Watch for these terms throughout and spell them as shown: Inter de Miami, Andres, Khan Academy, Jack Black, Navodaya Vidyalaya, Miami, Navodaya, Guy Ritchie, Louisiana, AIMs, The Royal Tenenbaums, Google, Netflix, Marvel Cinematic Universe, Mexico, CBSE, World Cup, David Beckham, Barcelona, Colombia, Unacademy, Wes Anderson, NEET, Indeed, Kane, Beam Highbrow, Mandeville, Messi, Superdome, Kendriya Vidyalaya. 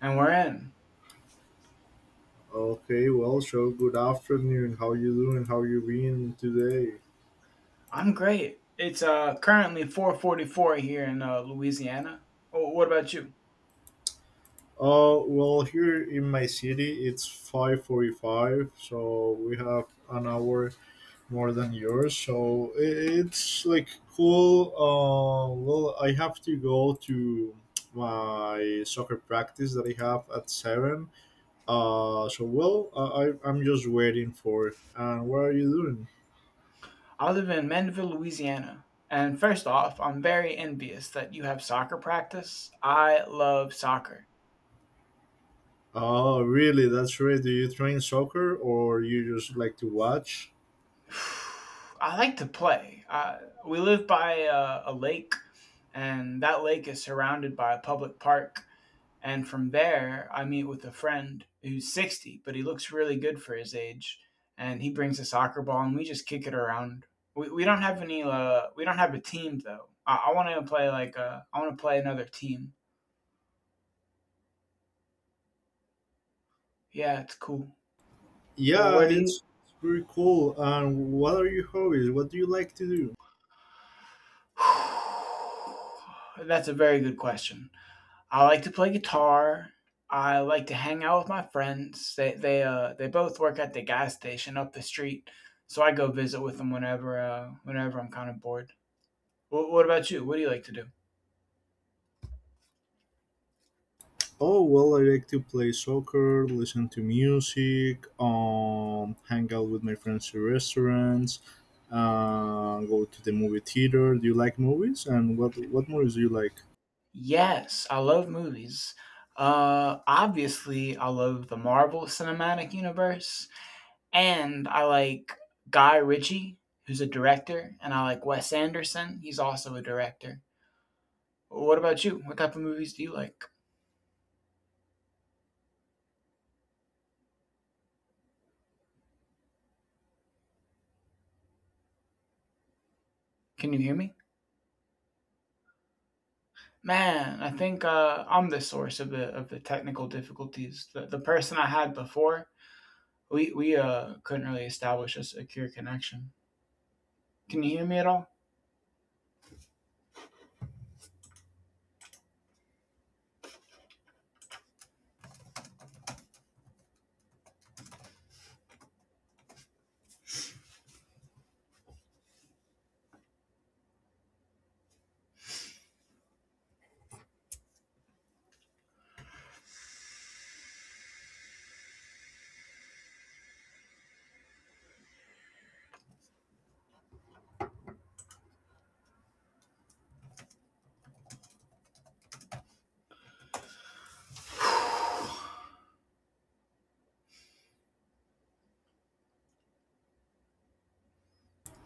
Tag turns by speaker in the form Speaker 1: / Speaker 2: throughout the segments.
Speaker 1: And we're in.
Speaker 2: Okay, well, so good afternoon. How you doing? How you been today?
Speaker 1: I'm great. It's currently 4:44 here in Louisiana. What about you?
Speaker 2: Oh, well, here in my city, it's 5:45, so we have an hour more than yours. It's like cool. I have to go to my soccer practice that I have at seven. I'm just waiting for. And what are you doing?
Speaker 1: I live in Mandeville, Louisiana. And first off, I'm very envious that you have soccer practice. I love soccer.
Speaker 2: Oh, really? That's right. Do you train soccer or you just like to watch?
Speaker 1: I like to play. We live by a lake, and that lake is surrounded by a public park. And from there, I meet with a friend who's 60, but he looks really good for his age. And he brings a soccer ball, and we just kick it around. We don't have any. We don't have a team though. I want to play like. I want to play another team. Yeah, it's cool. Well,
Speaker 2: Yeah,
Speaker 1: where do you?
Speaker 2: it's pretty cool. And what are your hobbies? What do you like to do?
Speaker 1: That's a very good question. I like to play guitar. I like to hang out with my friends. They both work at the gas station up the street, so I go visit with them whenever I'm kind of bored. What about you? What do you like to do?
Speaker 2: Oh, well, I like to play soccer, listen to music, hang out with my friends in restaurants, go to the movie theater. Do you like movies? And what movies do you like?
Speaker 1: Yes, I love movies. Obviously, I love the Marvel Cinematic Universe, and I like Guy Ritchie, who's a director, and I like Wes Anderson. He's also a director. What about you? What type of movies do you like? Can you hear me? Man, I think I'm the source of the technical difficulties. The person I had before, we couldn't really establish a secure connection. Can you hear me at all?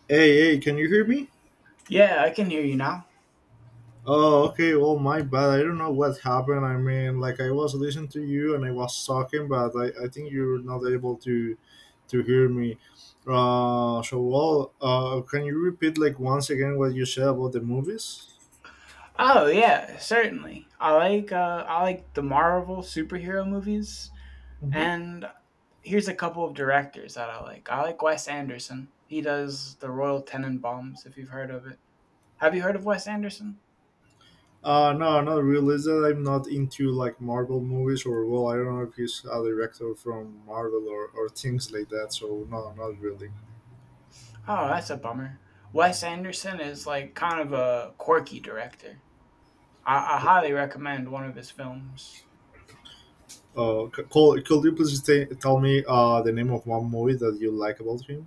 Speaker 2: Hey, hey, can you hear me?
Speaker 1: Yeah, I can hear you now.
Speaker 2: Oh, okay. Well, my bad. I don't know what happened. I mean, like I was listening to you and I was talking, but I think you're not able to hear me. Can you repeat like once again what you said about the movies?
Speaker 1: Oh yeah, certainly. I like the Marvel superhero movies,
Speaker 2: Hmm.
Speaker 1: and here's a couple of directors that I like. I like Wes Anderson. He does the Royal Tenenbaums, if you've heard of it. Have you heard of Wes Anderson?
Speaker 2: No, not really. Is that I'm not into like Marvel movies or well, I don't know if he's a director from Marvel or things like that. So no, not really.
Speaker 1: Oh, that's a bummer. Wes Anderson is like kind of a quirky director. I highly recommend one of his films,
Speaker 2: Could you please tell me the name of one movie that you like about him?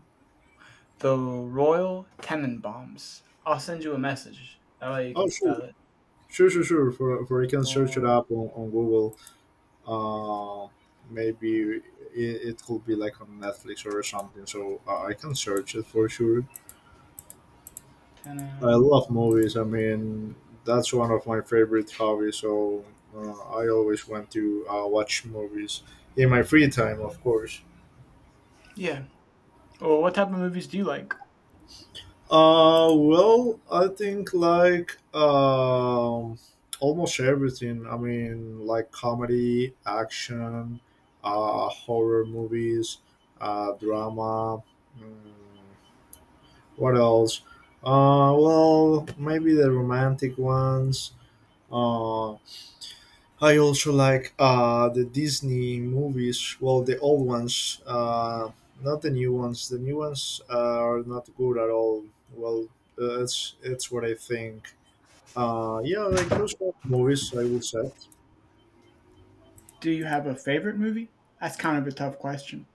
Speaker 1: The Royal Tenenbaums. I'll send you a message. That way you can
Speaker 2: Oh,
Speaker 1: spell
Speaker 2: sure.
Speaker 1: it.
Speaker 2: Sure, sure, sure. For you can search it
Speaker 1: Royal
Speaker 2: up on Google. Uh, maybe it, it could be like on Netflix or something. So I can search it for sure. I
Speaker 1: Tenen.
Speaker 2: love movies. I mean, that's one of my favorite hobbies. So I always want to watch movies in my free time, of course.
Speaker 1: Yeah, or what type of movies do you like?
Speaker 2: I think like almost everything. I mean, like comedy, action, horror movies, drama. mm, what else? Maybe the romantic ones. Uh, I also like the Disney movies, well, the old ones, not the new ones. The new ones are not good at all. Well, that's what I think. Yeah, like those old movies, I would say.
Speaker 1: Do you have a favorite movie? That's kind of a tough question.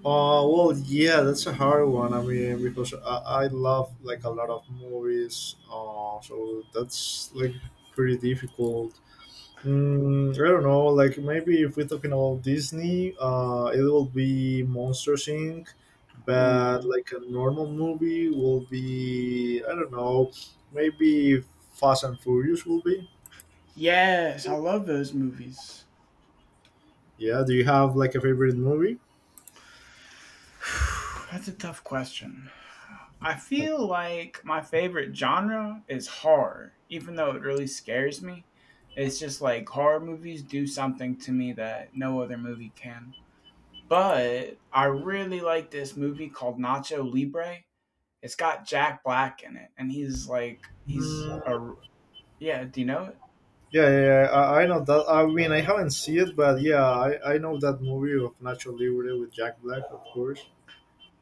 Speaker 2: Yeah, that's a hard one. I mean, because I love like a lot of movies, so that's like pretty difficult. Mm, I don't know. Like maybe if we're talking about Disney, it will be Monsters Inc. But
Speaker 1: Oh,
Speaker 2: like a normal movie will be I don't know. Maybe Fast and Furious will be.
Speaker 1: yes, I love those movies.
Speaker 2: Yeah. Do you have like a favorite movie?
Speaker 1: That's a tough question. I feel like my favorite genre is horror, even though it really scares me. It's just like horror movies do something to me that no other movie can. But I really like this movie called Nacho Libre. It's got Jack Black in it, and he's like, he's a,
Speaker 2: Mm,
Speaker 1: yeah, do you know it?
Speaker 2: yeah, yeah, yeah. I know that. I mean, I haven't seen it, but yeah, I know that movie of Nacho Libre with Jack Black, of course.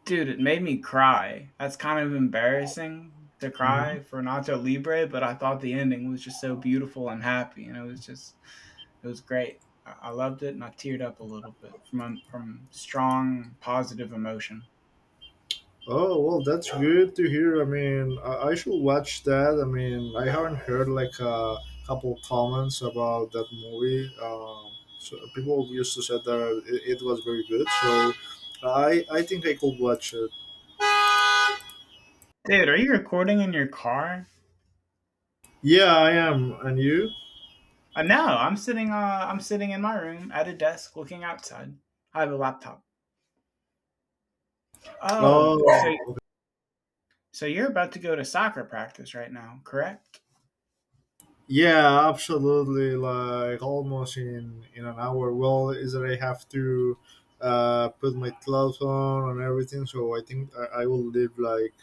Speaker 1: Dude, it made me cry. That's kind of embarrassing to
Speaker 2: Mm-hmm.
Speaker 1: cry for Nacho Libre, but I thought the ending was just so beautiful and happy, and it was just, it was great. I loved it, and I teared up a little bit from strong positive emotion.
Speaker 2: Oh well, that's good to hear. I mean, I should watch that. I mean, I haven't heard like a couple comments about that movie. So people used to say that it was very good. So I think I could watch it.
Speaker 1: Dude, are you recording in your car?
Speaker 2: Yeah, I am. And you?
Speaker 1: No, I'm sitting. I'm sitting in my room at a desk, looking outside. I have a laptop. Oh,
Speaker 2: Oh,
Speaker 1: so
Speaker 2: okay.
Speaker 1: so you're about to go to soccer practice right now, correct?
Speaker 2: Yeah, absolutely. Like almost in an hour. Well, is that I have to put my clothes on and everything. So I think I will leave like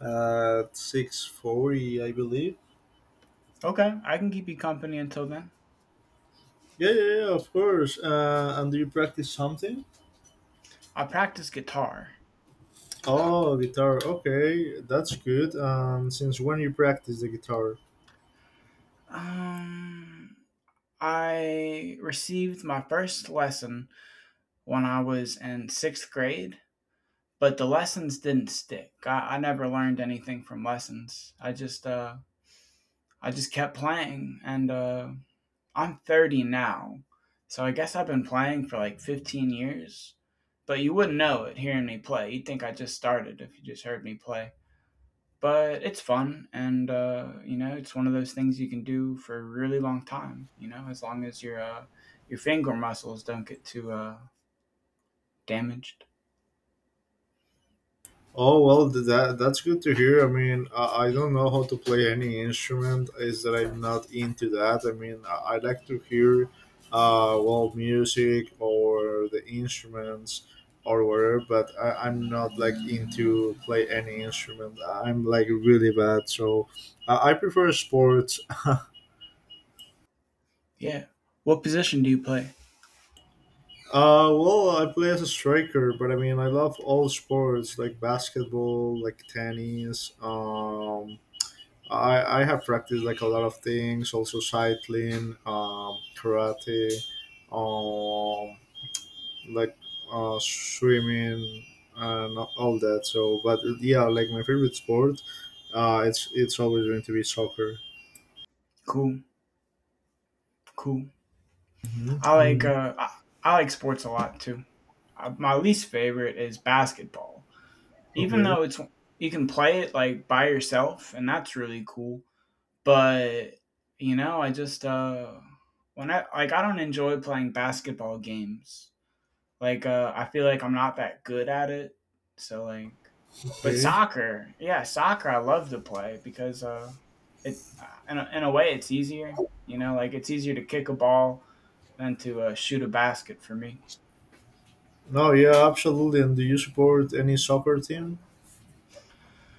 Speaker 2: at 6:40, I believe.
Speaker 1: Okay, I can keep you company until then.
Speaker 2: Yeah, yeah, yeah, of course. And do you practice something?
Speaker 1: I practice guitar.
Speaker 2: Oh, guitar. Okay, that's good. Since when you practice the guitar?
Speaker 1: Um, I received my first lesson when I was in sixth grade, but the lessons didn't stick. I never learned anything from lessons. I just kept playing, and I'm 30 now, so I guess I've been playing for like 15 years. But you wouldn't know it hearing me play. You'd think I just started if you just heard me play. But it's fun, and, you know, it's one of those things you can do for a really long time, you know, as long as your finger muscles don't get too damaged.
Speaker 2: Oh well, that that's good to hear. I mean, I don't know how to play any instrument. Is that I'm not into that. I mean, I like to hear, music or the instruments or whatever. But I'm not like into play any instrument. I'm like really bad. So I prefer sports. uh,
Speaker 1: Yeah. What position do you play?
Speaker 2: I play as a striker, but I mean, I love all sports like basketball, like tennis, I have practiced like a lot of things, also cycling, karate, um, like swimming and all that. So, but yeah, like my favorite sport, it's always going to be soccer.
Speaker 1: Cool, cool.
Speaker 2: Hmm.
Speaker 1: I like,
Speaker 2: Mm.
Speaker 1: I like sports a lot too. My least favorite is basketball, even
Speaker 2: Okay,
Speaker 1: though it's you can play it like by yourself, and that's really cool. But you know, I just when I like I don't enjoy playing basketball games. Like I feel like I'm not that good at it. So like, but
Speaker 2: okay.
Speaker 1: soccer, yeah, soccer I love to play because it in a way it's easier. You know, like it's easier to kick a ball than to shoot a basket for me.
Speaker 2: No, yeah, absolutely. And do you support any soccer team?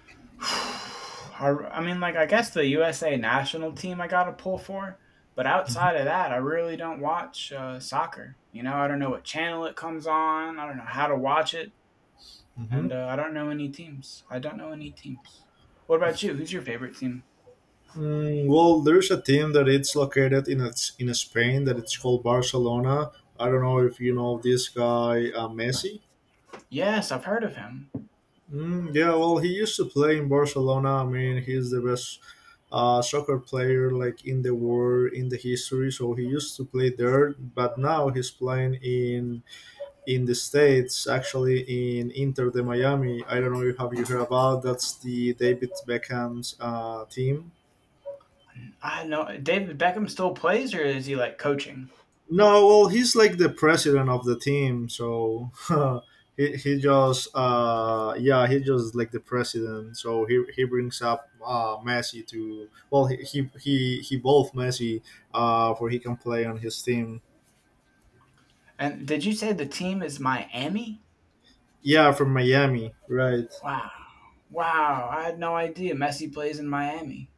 Speaker 1: I mean, like I guess the USA national team I got to pull for, but outside of that, I really don't watch soccer. You know, I don't know what channel it comes on. I don't know how to watch it.
Speaker 2: Mm-hmm.
Speaker 1: And I don't know any teams. I don't know any teams. What about you? Who's your favorite team?
Speaker 2: Mm, well, there's a team that it's located in Spain that it's called Barcelona. I don't know if you know this guy Messi.
Speaker 1: Yes, I've heard of him.
Speaker 2: Mm, yeah, well, he used to play in Barcelona. I mean, he's the best soccer player like in the world in the history. So he used to play there, but now he's playing in the states. Actually, in Inter de Miami. I don't know if have you heard about that's the David Beckham's team.
Speaker 1: I know David Beckham still plays, or is he like coaching?
Speaker 2: No, well, he's like the president of the team, so he just yeah he just like the president. So he brings up Messi to well he both Messi for he can play on his team.
Speaker 1: And did you say the team is Miami?
Speaker 2: Yeah, from Miami, right?
Speaker 1: Wow, wow! I had no idea Messi plays in Miami.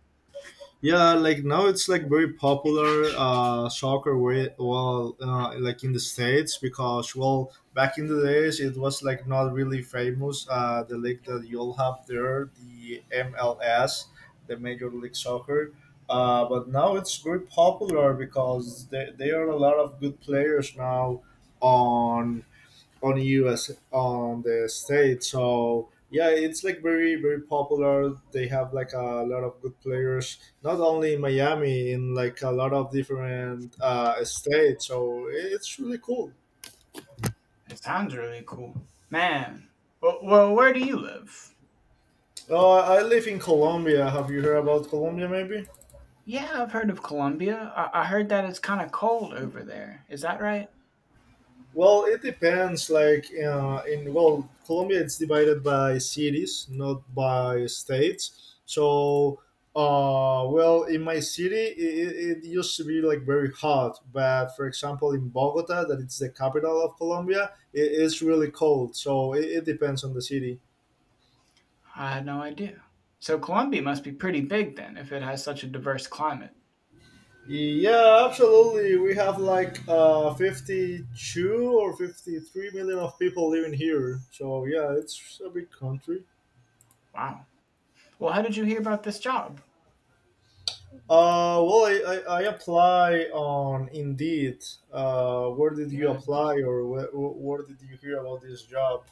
Speaker 2: Yeah, like now it's like very popular soccer. Way, well, like in the states because well, back in the days it was like not really famous. The league that you'll have there, the MLS, the Major League Soccer. But now it's very popular because there are a lot of good players now on on US on the states. So yeah, it's like very popular. They have like a lot of good players, not only in Miami, in like a lot of different states. So it's really cool.
Speaker 1: It sounds really cool, man. Well, well where do you live?
Speaker 2: I live in Colombia. Have you heard about Colombia? Maybe.
Speaker 1: Yeah, I've heard of Colombia. I heard that it's kind of cold over there. Is that right?
Speaker 2: Well, it depends. Colombia, it's divided by cities, not by states. So, in my city, it used to be like very hot. But for example, in Bogota, that it's the capital of Colombia, it is really cold. So it depends on the city.
Speaker 1: I had no idea. So Colombia must be pretty big then, if it has such a diverse climate.
Speaker 2: Yeah, absolutely. We have like 52 or 53 million of people living here. So yeah, it's a big country.
Speaker 1: Wow. Well, how did you hear about this job?
Speaker 2: I apply on Indeed. Where did
Speaker 1: He
Speaker 2: you
Speaker 1: asked.
Speaker 2: apply, or where did you hear about this job?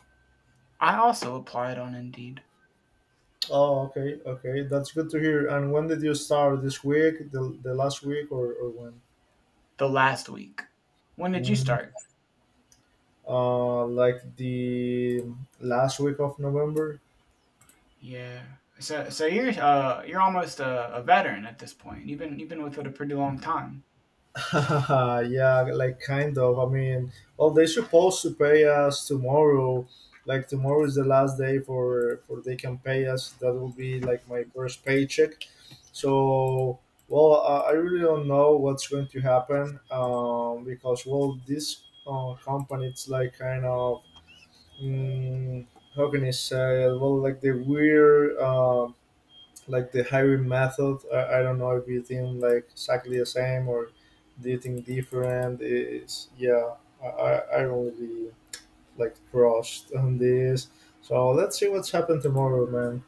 Speaker 1: I also applied on Indeed
Speaker 2: Oh, okay, okay, that's good to hear. And when did you start? This week, the last week, or when?
Speaker 1: the last week. When did you
Speaker 2: Mm,
Speaker 1: start?
Speaker 2: like the last week of November.
Speaker 1: Yeah. So you're almost a veteran at this point. You've been with it a pretty long time.
Speaker 2: Yeah, like kind of. I mean, well, they supposed to pay us tomorrow. Like tomorrow is the last day for they can pay us. That will be like my first paycheck. So, well, I really don't know what's going to happen because well, this company it's like kind of mm, how can I say? Well, like the weird. Like the hiring method I don't know if you think like exactly the same or do you think different is yeah I really like crushed on this so let's see what's happened tomorrow man.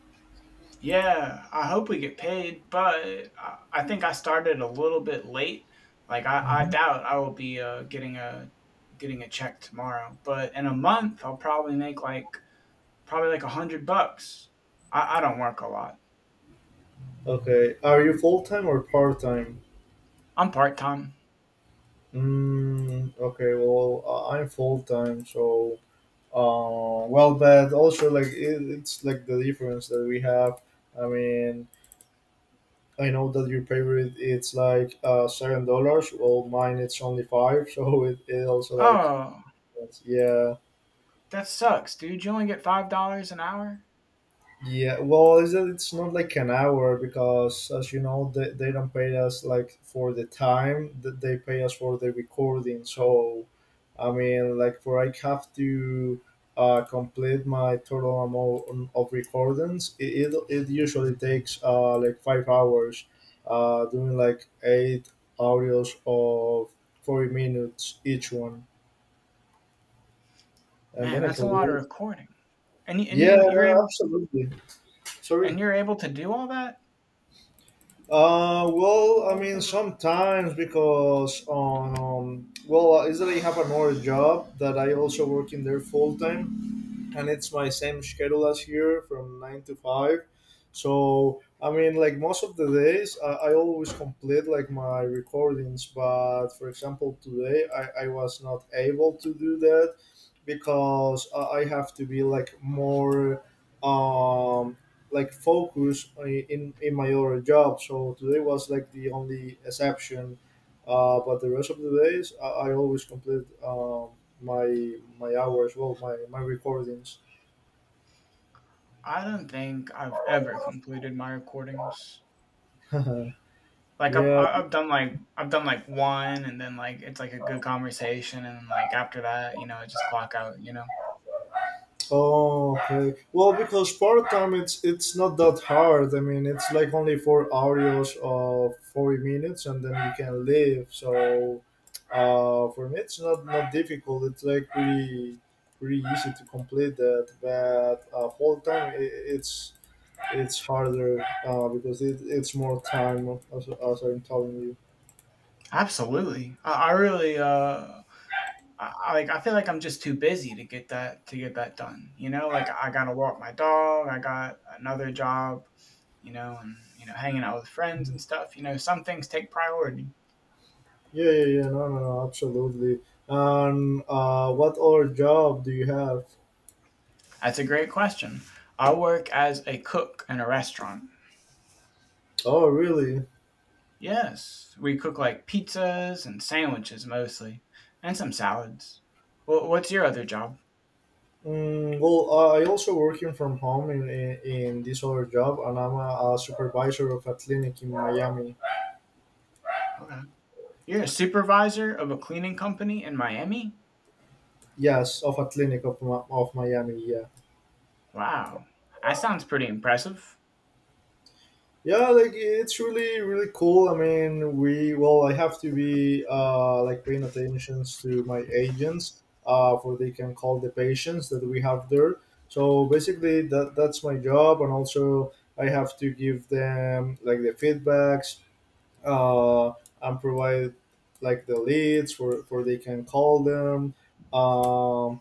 Speaker 1: Yeah, I hope we get paid, but I think I started a little bit late. Like I
Speaker 2: Hmm.
Speaker 1: doubt I will be getting a getting a check tomorrow, but in a month I'll probably make like probably like 100 bucks. I don't work a lot.
Speaker 2: Okay, are you full-time or part-time?
Speaker 1: I'm part time.
Speaker 2: Okay, well I'm full-time so but also like it, it's like the difference that we have I mean I know that your favorite it's like $7. Well, mine it's only five, so it also like
Speaker 1: Oh,
Speaker 2: yeah.
Speaker 1: that sucks, dude. You only get $5 an hour.
Speaker 2: Yeah, well, it's not like an hour because, as you know, they don't pay us like for the time that they pay us for the recording. So, I mean, like for I have to complete my total amount of recordings, it usually takes like 5 hours, doing like eight audios of 40 minutes each one. And
Speaker 1: Man,
Speaker 2: then I
Speaker 1: that's a
Speaker 2: can
Speaker 1: lot
Speaker 2: do
Speaker 1: of
Speaker 2: it.
Speaker 1: recording. And
Speaker 2: Yeah,
Speaker 1: you you're
Speaker 2: no,
Speaker 1: able
Speaker 2: absolutely.
Speaker 1: and
Speaker 2: Sorry.
Speaker 1: you're able to do all that.
Speaker 2: I mean, sometimes because I Israeli have another job that I also work in there full time, and it's my same schedule as here from nine to five. So I mean, like most of the days, I always complete like my recordings. But for example, today I was not able to do that because I have to be like more um focused in my other job. So today was like the only exception. But the rest of the days, I always complete my hours, well, my recordings.
Speaker 1: I don't think I've ever completed my recordings. Like
Speaker 2: Yeah.
Speaker 1: I've done like I've done like one, and then like it's like a good conversation, and then like after that, you know, I just clock out. You know,
Speaker 2: Oh, okay. Well, because part time it's not that hard. I mean, it's like only 4 hours of 40 minutes, and then you can leave. So, for me, it's not not difficult. It's like pretty easy to complete that. But full time, it's harder because it's more time, as I'm telling you.
Speaker 1: absolutely. I really I like I feel like I'm just too busy to get that done. You know, like I gotta walk my dog, I got another job, you know, and you know, hanging out with friends and stuff. You know, some things take priority.
Speaker 2: Yeah, yeah, yeah. No, no, no. Absolutely. And what other job do you have?
Speaker 1: That's a great question. I work as a cook in a restaurant.
Speaker 2: Oh, really?
Speaker 1: Yes. We cook like pizzas and sandwiches mostly. And some salads. Well, what's your other job?
Speaker 2: Mm, well, I also working from home in this other job, and I'm a supervisor of a clinic in Miami.
Speaker 1: Okay. You're a supervisor of a cleaning company in Miami?
Speaker 2: Yes, of a clinic of, of Miami. Yeah,
Speaker 1: Wow. That sounds pretty impressive.
Speaker 2: yeah. Like it's really cool. I mean, we well, I have to be like paying attention to my agents, for they can call the patients that we have there. So basically, that's my job, and also I have to give them like the feedbacks uh, and provide like the leads where they can call them um,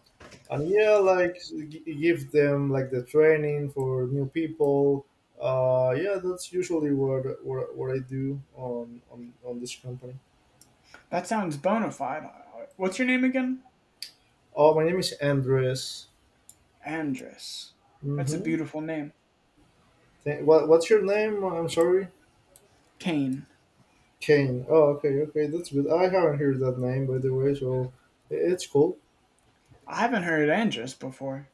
Speaker 2: and yeah like give them like the training for new people yeah, that's usually what I do on this company.
Speaker 1: That sounds bona fide. What's your name again?
Speaker 2: Oh, my name is Andres.
Speaker 1: Andrus. That's a
Speaker 2: Mm-hmm.
Speaker 1: beautiful name.
Speaker 2: What's your name, I'm sorry?
Speaker 1: Kane.
Speaker 2: Kane, oh, okay, okay, that's good. I haven't heard that name, by the way, so it's cool.
Speaker 1: I haven't heard Andrus before.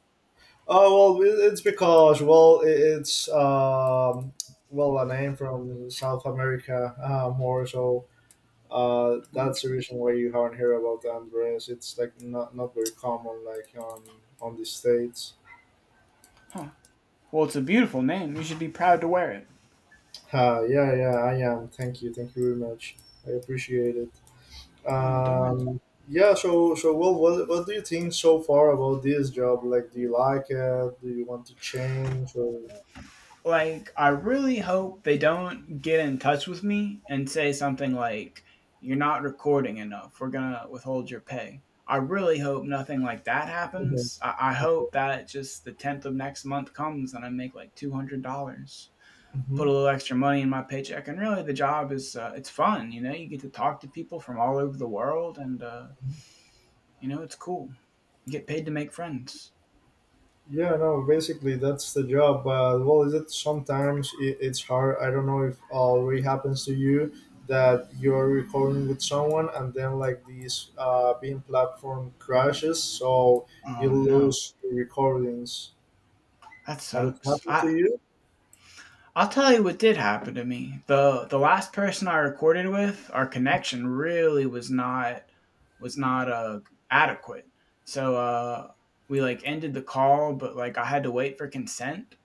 Speaker 2: Oh well, it's because well, it's well, a name from South America, more so. That's the
Speaker 1: Andrus.
Speaker 2: reason why you haven't heard about the Andres. It's like not very common like on the states.
Speaker 1: Huh. Well, it's a beautiful name. You should be proud to wear it.
Speaker 2: Yeah, yeah, I am. Thank you very much. I appreciate it.
Speaker 1: Huh, don't mention.
Speaker 2: Um, yeah. So well, what do you think so far about this job? Like, do you like it? Do you want to change? Or...
Speaker 1: It. Like, I really hope they don't get in touch with me and say something like, you're not recording enough. We're going to withhold your pay. I really hope nothing like that
Speaker 2: Mhm.
Speaker 1: happens. I
Speaker 2: Okay.
Speaker 1: hope that just the 10th of next month comes and I make like $200. Put a
Speaker 2: Mhm.
Speaker 1: little extra money in my paycheck. And really, the job is it's fun. You know, you get to talk to people from all over the world, and you know, it's cool. You get paid to make friends.
Speaker 2: Yeah, no, basically that's the job. But well, is it sometimes it's hard. I don't know if already happens to you that you're recording with someone and then like these beam platform crashes, so
Speaker 1: Oh
Speaker 2: you
Speaker 1: no,
Speaker 2: lose your recordings.
Speaker 1: that
Speaker 2: Had it
Speaker 1: sucks.
Speaker 2: happened to
Speaker 1: I
Speaker 2: you?
Speaker 1: I'll tell you what did happen to me. The last person I recorded with, our connection really was not adequate. So we like ended the call, but like I had to wait for consent,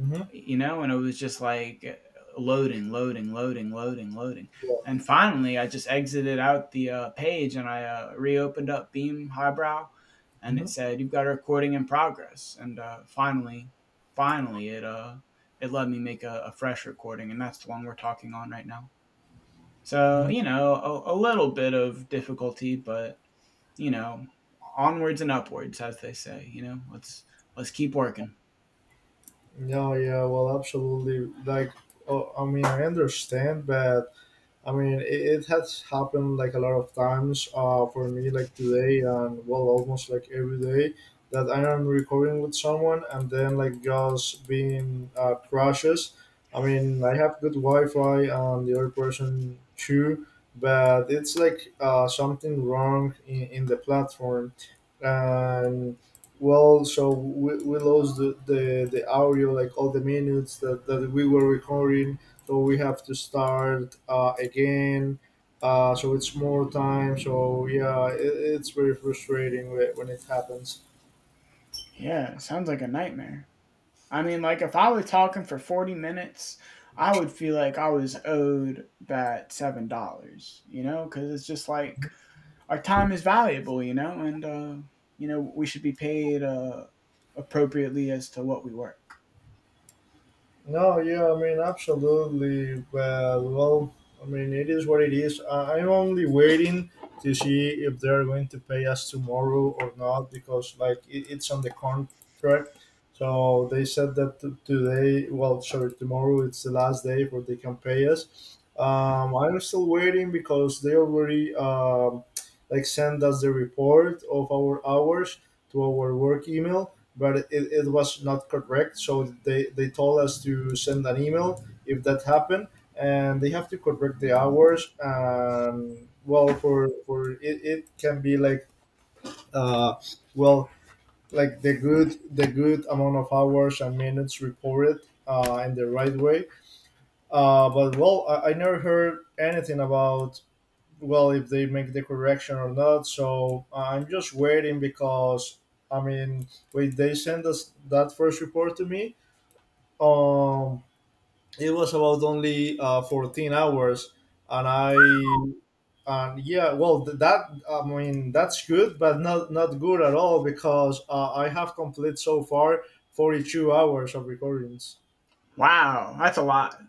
Speaker 2: Mm-hmm.
Speaker 1: you know, and it was just like loading, loading, loading, loading, loading.
Speaker 2: Yeah.
Speaker 1: And finally, I just exited out the page and I reopened up Beam Highbrow and it
Speaker 2: Mm-hmm.
Speaker 1: said, you've got a recording in progress. And finally, finally, it let me make a fresh recording. And that's the one we're talking on right now. So, you
Speaker 2: mm
Speaker 1: know, a little bit of difficulty, but, you know, onwards and upwards, as they say, you know, let's keep working.
Speaker 2: No, yeah, well, absolutely. Like, oh, I mean, I understand, but I mean, it has happened like a lot of times for me, like today and well, almost like every day that I am recording with someone and then like just being crashes. I mean, I have good Wi Fi and the other person too, but it's like something wrong in the platform. And well, so we lost the audio, like all the minutes that we were recording, so we have to start again, so it's more time, so yeah, it, it's very frustrating when it happens.
Speaker 1: Yeah, it sounds like a nightmare. I mean, like if I was talking for 40 minutes, I would feel like I was owed that $7, you know, because it's just like our time is valuable, you know, and you know we should be paid appropriately as to what we work.
Speaker 2: No, yeah, I mean, absolutely. Well, well, I mean, it is what it is. I'm only waiting to see if they're going to pay us tomorrow or not because, like, it's on the contract. So they said that today, well, sorry, tomorrow it's the last day where they can pay us. I'm still waiting because they already, like, send us the report of our hours to our work email, but it was not correct. So they told us to send an email if that happened, and they have to correct the hours. Well, for it, it can be like uh, well, like the good amount of hours and minutes reported in the right way. But well, I never heard anything about well if they make the correction or not. So I'm just waiting because I mean, when they sent us that first report to me, um, it was about only 14 hours, and I and yeah, well that, I mean that's good, but not good at all because I have complete so far 42 hours of recordings.
Speaker 1: Wow, that's a lot.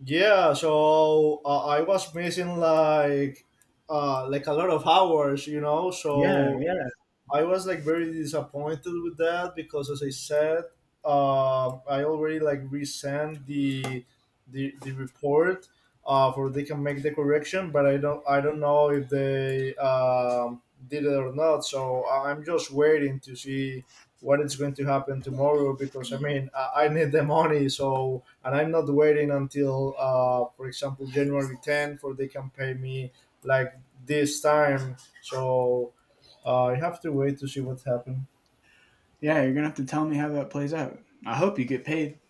Speaker 2: Yeah, so I was missing like a lot of hours, you know.
Speaker 1: Yeah,
Speaker 2: So
Speaker 1: yeah,
Speaker 2: I was like very disappointed with that because, as I said, I already like resent the the, report for they can make the correction, but I don't know if they did it or not. So I'm just waiting to see what is going to happen tomorrow because I mean I need the money. So and I'm not waiting until, for example, January 10th for they can pay me like this time. So I have to wait to see what happens.
Speaker 1: yeah. You're gonna have to tell me how that plays out. I hope you get paid.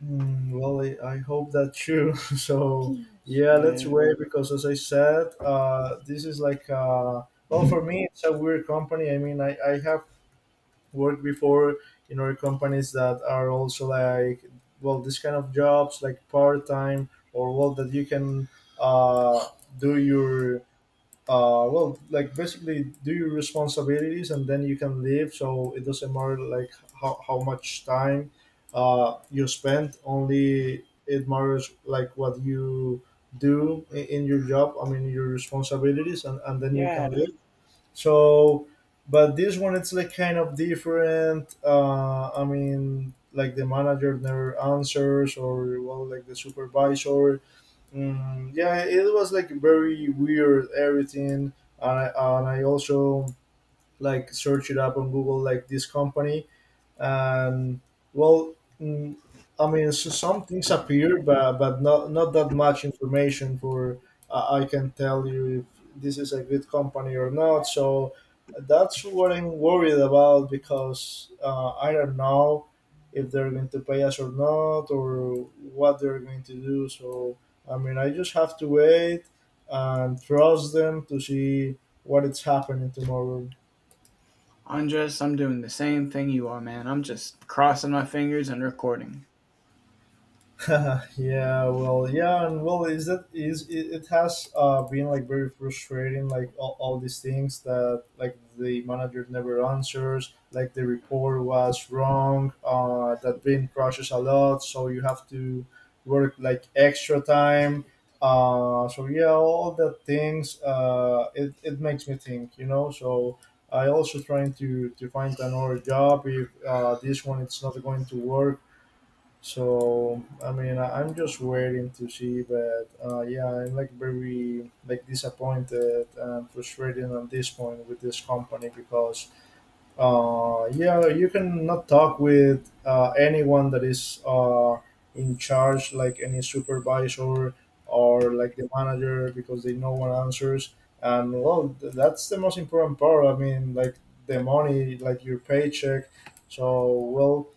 Speaker 2: Hmm, well, I hope that too. So, yeah, let's
Speaker 1: Yeah,
Speaker 2: wait because, as I said, this is like, well, for me, it's a weird company. I mean, I have worked before in other companies that are also like, well, this kind of jobs, like part time or well, that you can uh, do your well, like basically do your responsibilities and then you can leave, so it doesn't matter like how much time you spend, only it matters like what you do in your job, I mean your responsibilities, and then you can
Speaker 1: yeah.
Speaker 2: leave. So but this one it's like kind of different, I mean like the manager never answers, or well like the supervisor. Mm, yeah, it was like very weird everything, and I also like searched it up on Google like this company, and well, mm, I mean, s some things appear, but but not that much information for I can tell you if this is a good company or not. So that's what I'm worried about because I don't know if they're going to pay us or not, or what they're going to do. So I mean, I just have to wait and trust them to see what is happening tomorrow.
Speaker 1: Andres, I'm doing the same thing you are, man. I'm just crossing my fingers and recording.
Speaker 2: Yeah, well, yeah, and well, is that is it, it has been like very frustrating, like all these things that like the manager never answers, like the report was wrong, that brain crashes a lot, so you have to work like extra time, so yeah, all the things, it it makes me think, you know, so. I also trying to find another job if this one it's not going to work. So I mean, I'm just waiting to see, but yeah, I'm like very like disappointed and frustrated at this point with this company, because yeah, you can not talk with anyone that is in charge, like any supervisor or like the manager, because they no one answers. And well, that's the most important part. I mean, like the money, like your paycheck. So well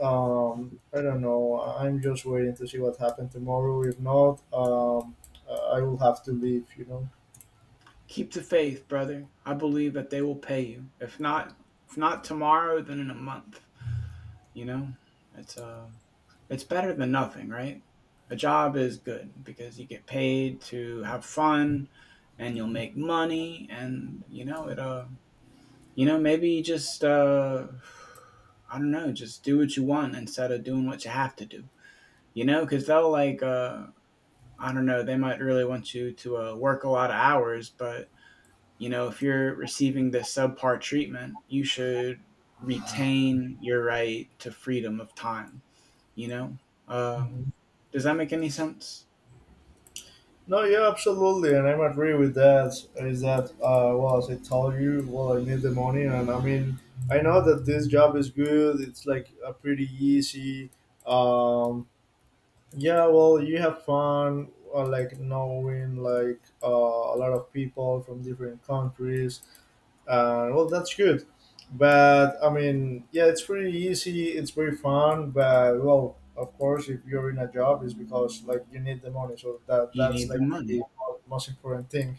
Speaker 2: I don't know. I'm just waiting to see what happened tomorrow. If not, I will have to leave. You know.
Speaker 1: Keep the faith, brother. I believe that they will pay you. If not tomorrow, then in a month. You know, it's uh, it's better than nothing, right? A job is good because you get paid to have fun, and you'll make money, and you know it. Maybe you just I don't know, just do what you want instead of doing what you have to do. You know, because they'll like I don't know, they might really want you to work a lot of hours, but you know, if you're receiving this subpar treatment, you should retain your right to freedom of time. You know, uh,
Speaker 2: Mhm.
Speaker 1: does that make any sense?
Speaker 2: No, yeah, absolutely, and I'm agree with that. Is that well? As I told you, well, I need the money, and I mean, I know that this job is good. It's like a pretty easy. Um, yeah, well, you have fun, like knowing like a lot of people from different countries. Well, that's good. But I mean, yeah, it's pretty easy. It's very fun. But well, of course, if you're in a job, it's because like you need the money. So that
Speaker 1: You
Speaker 2: that's
Speaker 1: need the
Speaker 2: like the
Speaker 1: money.
Speaker 2: most important thing.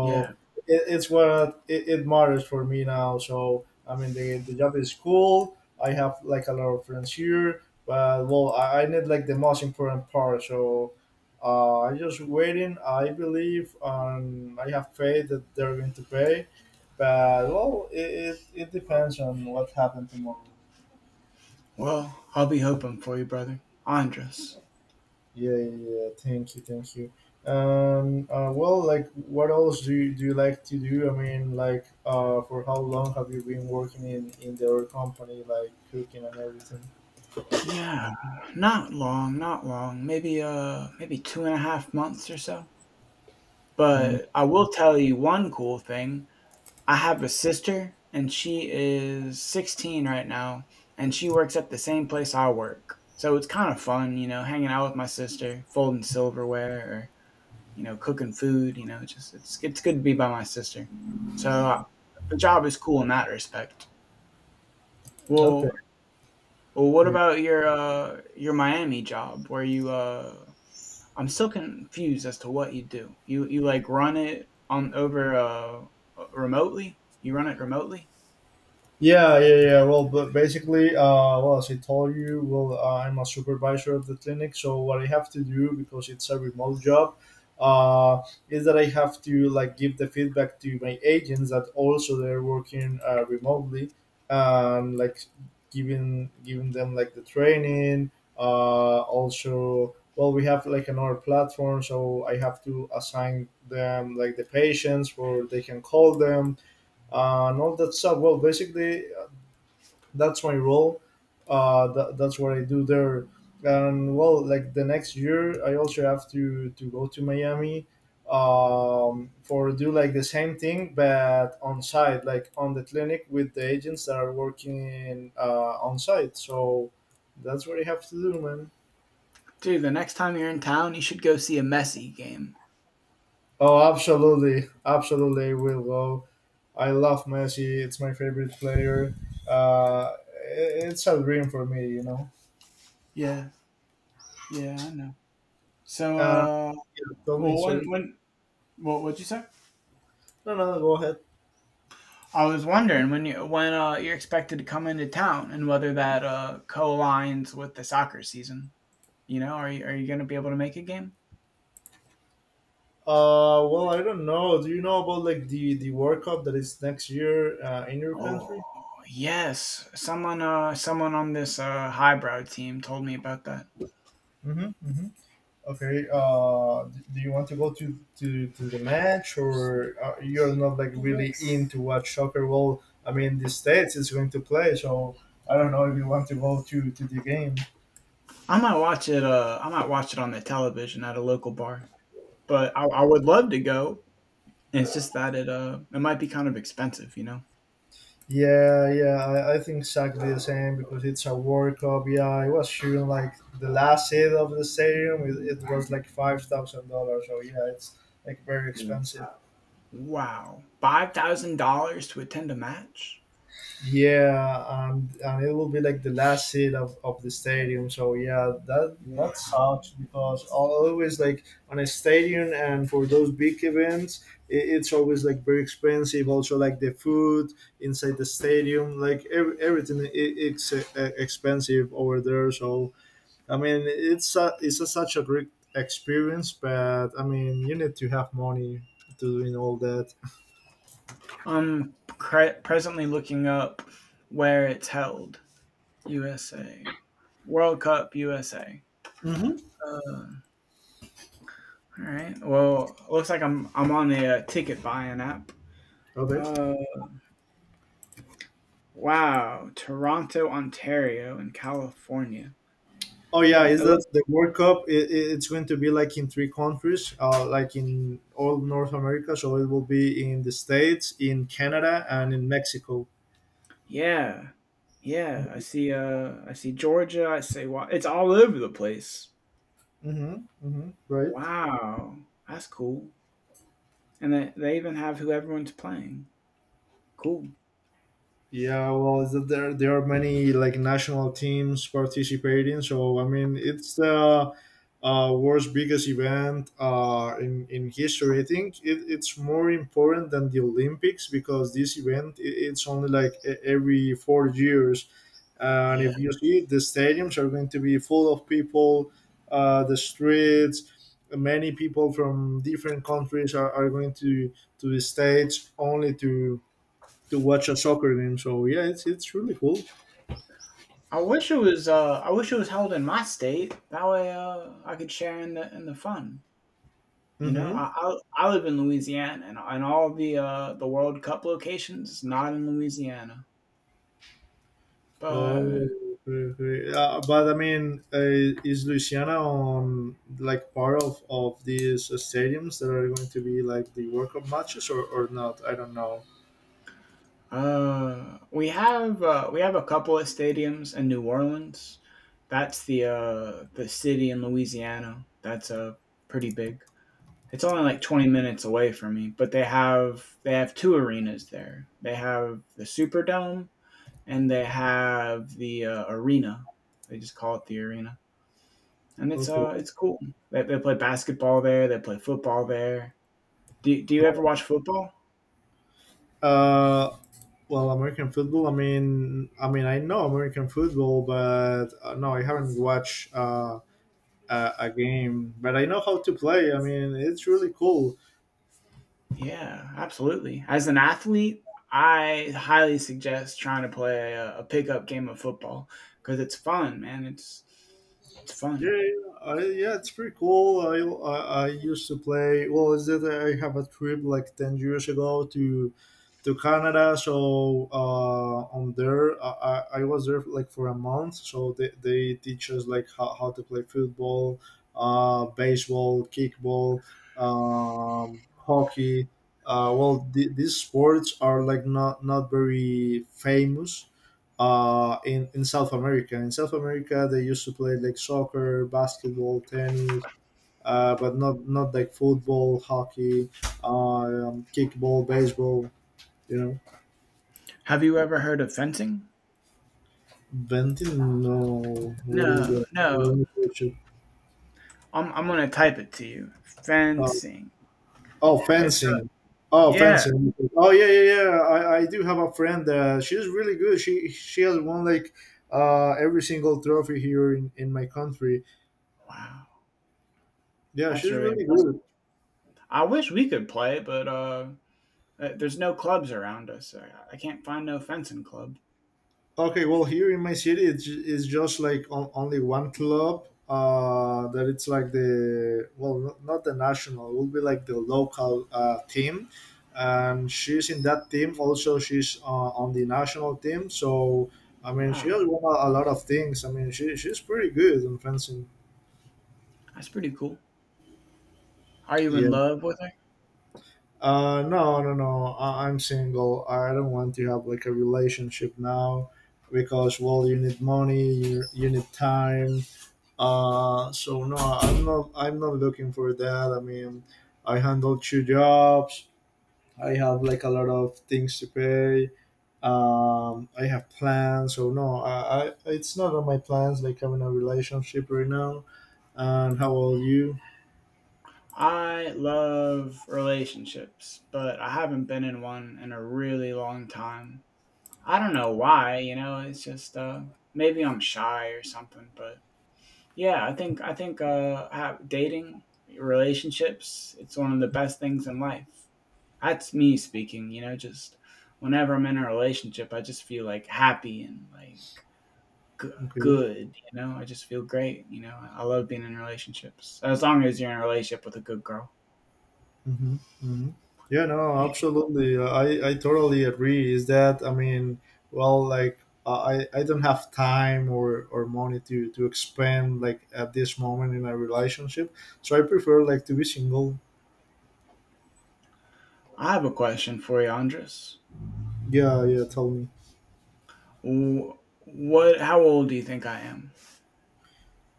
Speaker 1: Yeah.
Speaker 2: it, it's what it matters for me now. So I mean, the job is cool. I have like a lot of friends here. But well, I need like the most important part. So I'm just waiting. I believe, and I have faith that they're going to pay, but well, it depends on what happened tomorrow.
Speaker 1: Well, I'll be hoping for you, brother, Andres.
Speaker 2: Yeah, yeah, yeah. Thank you, thank you. Well, like, what else do you like to do? I mean, like, for how long have you been working in the other company, like cooking and everything?
Speaker 1: Yeah, not long, not long. Maybe maybe 2.5 months or so.
Speaker 2: Mm,
Speaker 1: But I will tell you one cool thing. I have a sister and she is 16 right now, and she works at the same place I work. So it's kind of fun, you know, hanging out with my sister, folding silverware, or you know, cooking food, you know, just it's good to be by my sister. So the job is cool in that respect.
Speaker 2: okay.
Speaker 1: Well, well, what about your your Miami job where you I'm still confused as to what you do. You like run it on over remotely? You run it remotely?
Speaker 2: Yeah, yeah, yeah. Well, but basically, well, as I told you, well, I'm a supervisor of the clinic. So what I have to do because it's a remote job, uh, is that I have to like give the feedback to my agents that also they're working remotely, and like giving them like the training. Also, well, we have like another platform, so I have to assign them like the patients where they can call them and all that stuff. Well, basically, that's my role. That's what I do there. And well, like the next year, I also have to go to Miami for do like the same thing, but on site, like on the clinic with the agents that are working on site. So that's what I have to do, man.
Speaker 1: Dude, the next time you're in town, you should go see a Messi game.
Speaker 2: Oh, absolutely, absolutely, I will go. I love Messi. It's my favorite player. Uh, it's a dream for me, you know.
Speaker 1: Yeah, yeah, I know. So,
Speaker 2: Uh, yeah, tell me,
Speaker 1: well,
Speaker 2: sorry.
Speaker 1: when what what'd you say?
Speaker 2: No, no, go ahead.
Speaker 1: I was wondering when you're expected to come into town and whether that co-aligns with the soccer season. You know, are you going to be able to make a game?
Speaker 2: Well, I don't know. Do you know about like the World Cup that is next year in your
Speaker 1: Oh,
Speaker 2: country?
Speaker 1: yes. Someone on this highbrow team told me about that.
Speaker 2: Mm-hmm, mm-hmm. Okay. Do you want to go to to the match, or you're not like really in to watch soccer? Well, I mean, the states is going to play, so I don't know if you want to go to the game.
Speaker 1: I might watch it I might watch it on the television at a local bar. But I would love to go. And it's just that it might be kind of expensive, you know?
Speaker 2: Yeah, yeah, I think exactly the same because it's a World Cup. Yeah, I was shooting like the last seat of the stadium. It was like $5,000. So yeah, it's like very
Speaker 1: Mm.
Speaker 2: expensive.
Speaker 1: Wow. $5,000 to attend a match?
Speaker 2: Yeah, and it will be like the last seat of the stadium. So yeah, that
Speaker 1: Wow.
Speaker 2: sucks because always like on a stadium and for those big events, it's always like very expensive. Also like the food inside the stadium, like everything I it's expensive over there. So I mean, it's such a great experience, but I mean, you need to have money to doing all that.
Speaker 1: Presently looking up where it's held. USA. World Cup USA.
Speaker 2: Hmm.
Speaker 1: Uh, all right. Well, looks like I'm on the ticket buying app.
Speaker 2: Okay.
Speaker 1: Uh Wow, Toronto, Ontario, and California.
Speaker 2: Oh
Speaker 1: Is
Speaker 2: yeah,
Speaker 1: it
Speaker 2: is
Speaker 1: looks-
Speaker 2: that the World Cup? It's going to be like in three countries, like in all North America. So it will be in the States, in Canada, and in Mexico.
Speaker 1: yeah, yeah. I
Speaker 2: Mm-hmm,
Speaker 1: see. I see Georgia. I see. It's all over the place.
Speaker 2: mm-hmm, mm-hmm. Right.
Speaker 1: Wow, that's cool. And they even have who everyone's playing. Cool.
Speaker 2: Yeah, well, is that there are many like national teams participating. So I mean, it's the world's biggest event in history. I think it's more important than the Olympics because this event I it's only like every 4 years, and
Speaker 1: Yeah.
Speaker 2: if you see it, the stadiums are going to be full of people, the streets. Many people from different countries are going to the states only to watch a soccer game. So yeah, it's really cool.
Speaker 1: I wish it was. I wish it was held in my state. That way, I could share in the fun. You know,
Speaker 2: Hmm.
Speaker 1: I live in Louisiana, and all the World Cup locations is not in Louisiana. But
Speaker 2: Oh, okay. But I mean, is Louisiana on like part of these stadiums that are going to be like the World Cup matches or not? I don't know.
Speaker 1: We have a couple of stadiums in New Orleans. That's the city in Louisiana. That's pretty big. It's only like 20 minutes away from me, but they have two arenas there. They have the Superdome, and they have the arena. They just call it the arena, and
Speaker 2: Okay.
Speaker 1: it's cool. They play basketball there. They play football there. Do you ever watch football?
Speaker 2: Uh, well, American football. I mean, I know American football, but no, I haven't watched a game. But I know how to play. I mean, it's really cool.
Speaker 1: Yeah, absolutely. As an athlete, I highly suggest trying to play a pickup game of football, because it's fun, man. It's fun.
Speaker 2: Yeah, it's pretty cool. I used to play. Well, is that I have a trip like 10 years ago to Canada. So on there, I was there like for a month. So they teach us like how to play football, baseball, kickball, hockey. Well, these sports are like not very famous in South America. In South America, they used to play like soccer, basketball, tennis, but not like football, hockey, uh, kickball, baseball. You know,
Speaker 1: Have you ever heard of fencing?
Speaker 2: venting. No, what is
Speaker 1: No,
Speaker 2: that?
Speaker 1: no.
Speaker 2: Let me search it.
Speaker 1: I'm gonna type it to you.
Speaker 2: Uh,
Speaker 1: Fencing.
Speaker 2: oh,
Speaker 1: It's a
Speaker 2: fencing. Oh,
Speaker 1: Yeah.
Speaker 2: fencing. Oh, yeah. I do have a friend. She's really good. She has won like every single trophy here in my country.
Speaker 1: Wow,
Speaker 2: Yeah,
Speaker 1: that's
Speaker 2: she's
Speaker 1: really
Speaker 2: really
Speaker 1: impressive.
Speaker 2: good.
Speaker 1: I wish we could play, but there's no clubs around us. I can't find no fencing club.
Speaker 2: Okay, well, here in my city, it's just like on, only one club. That it's like the well, not the national. It will be like the local team, and she's in that team. Also, she's on the national team. So I mean, she
Speaker 1: Wow,
Speaker 2: has won a lot of things. I mean, she's pretty good in fencing.
Speaker 1: that's pretty cool. Are you in
Speaker 2: Yeah.
Speaker 1: love with her?
Speaker 2: No. I'm single. I don't want to have like a relationship now because well, you need money, you need time. So no, I'm not. I'm not looking for that. I mean, I handle two jobs. I have like a lot of things to pay. I have plans. So no, I it's not on my plans. Like having a relationship right now. And how old you?
Speaker 1: I love relationships, but I haven't been in one in a really long time. I don't know why, you know, it's just maybe I'm shy or something, but yeah, I think ha dating relationships, it's one of the best things in life. That's me speaking, you know, just whenever I'm in a relationship, I just feel like happy and g-
Speaker 2: Okay.
Speaker 1: good, you know? I just feel great, you know? I love being in relationships, as long as you're in a relationship with a good girl.
Speaker 2: Hmm. Hmm. Yeah, no, absolutely. I totally agree. Is that, I mean, well, like, I don't have time or money to expend, like, at this moment in a relationship. So I prefer, like, to be single.
Speaker 1: I have a question for you, Andres.
Speaker 2: Yeah, Tell me.
Speaker 1: Wh- What? How old do you think I am?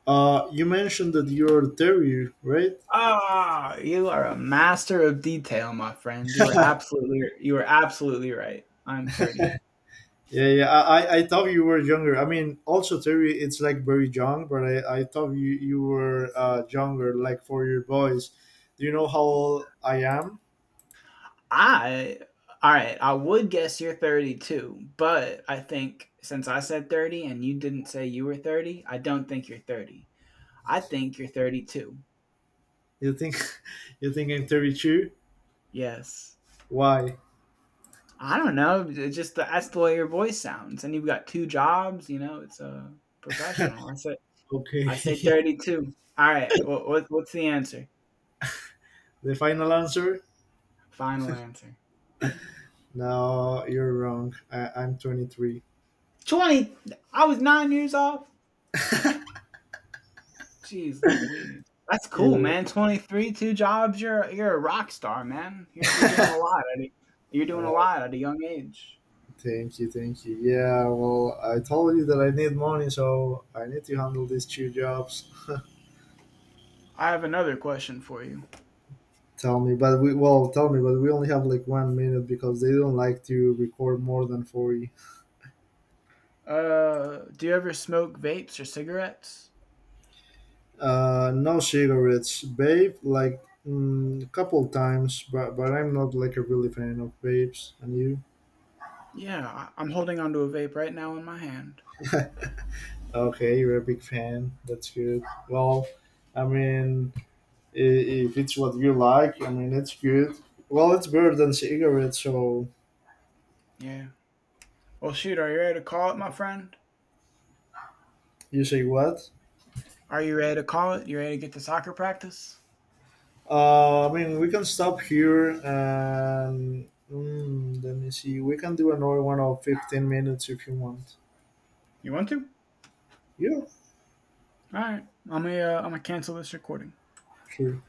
Speaker 2: You mentioned that you're Terry, right?
Speaker 1: Ah, you are a master of detail, my friend. You are absolutely right. I'm 30.
Speaker 2: I thought you were younger. I mean, also Terry, it's like very young, but I thought you were younger, like for your boys. Do you know how old I am?
Speaker 1: I, all right. I would guess you're 32, but I think since I said 30 and you didn't say you were 30, I don't think you're 30. I think you're 32.
Speaker 2: You think you think I'm 32?
Speaker 1: Yes.
Speaker 2: Why?
Speaker 1: I don't know. It's just that's the way your voice sounds, and you've got two jobs. You know, it's a professional.
Speaker 2: Okay.
Speaker 1: I say 32. All right. What's the answer?
Speaker 2: The final answer?
Speaker 1: Final answer.
Speaker 2: No, you're wrong. I'm 23.
Speaker 1: 20. I was 9 years off. Jeez Louise. That's cool,
Speaker 2: Yeah,
Speaker 1: man. 23, two jobs. You're a rock star, man. You're doing a lot. You're doing a
Speaker 2: uh,
Speaker 1: lot at a young age.
Speaker 2: Thank you, thank you. Yeah, well, I told you that I need money, so I need to handle these two jobs.
Speaker 1: I have another question for you.
Speaker 2: Tell me, but we well, tell me, but we only have like 1 minute because they don't like to record more than 40.
Speaker 1: Do you ever smoke vapes or cigarettes?
Speaker 2: No cigarettes, babe. Like mm, a couple times, but I'm not like a really fan of babes. And you?
Speaker 1: Yeah, I'm holding onto a vape right now in my hand.
Speaker 2: Okay, you're a big fan. That's good. Well, I mean, if it's what you like, I mean, it's good. Well, it's better than cigarettes, so
Speaker 1: Yeah. Well, shoot, are you ready to call it, my friend?
Speaker 2: you say what?
Speaker 1: Are you ready to call it? You ready to get to soccer practice?
Speaker 2: I mean, we can stop here and mm, let me see. We can do another one of 15 minutes if you want.
Speaker 1: You want to?
Speaker 2: Yeah,
Speaker 1: All right, I'm gonna cancel this recording.
Speaker 2: sure.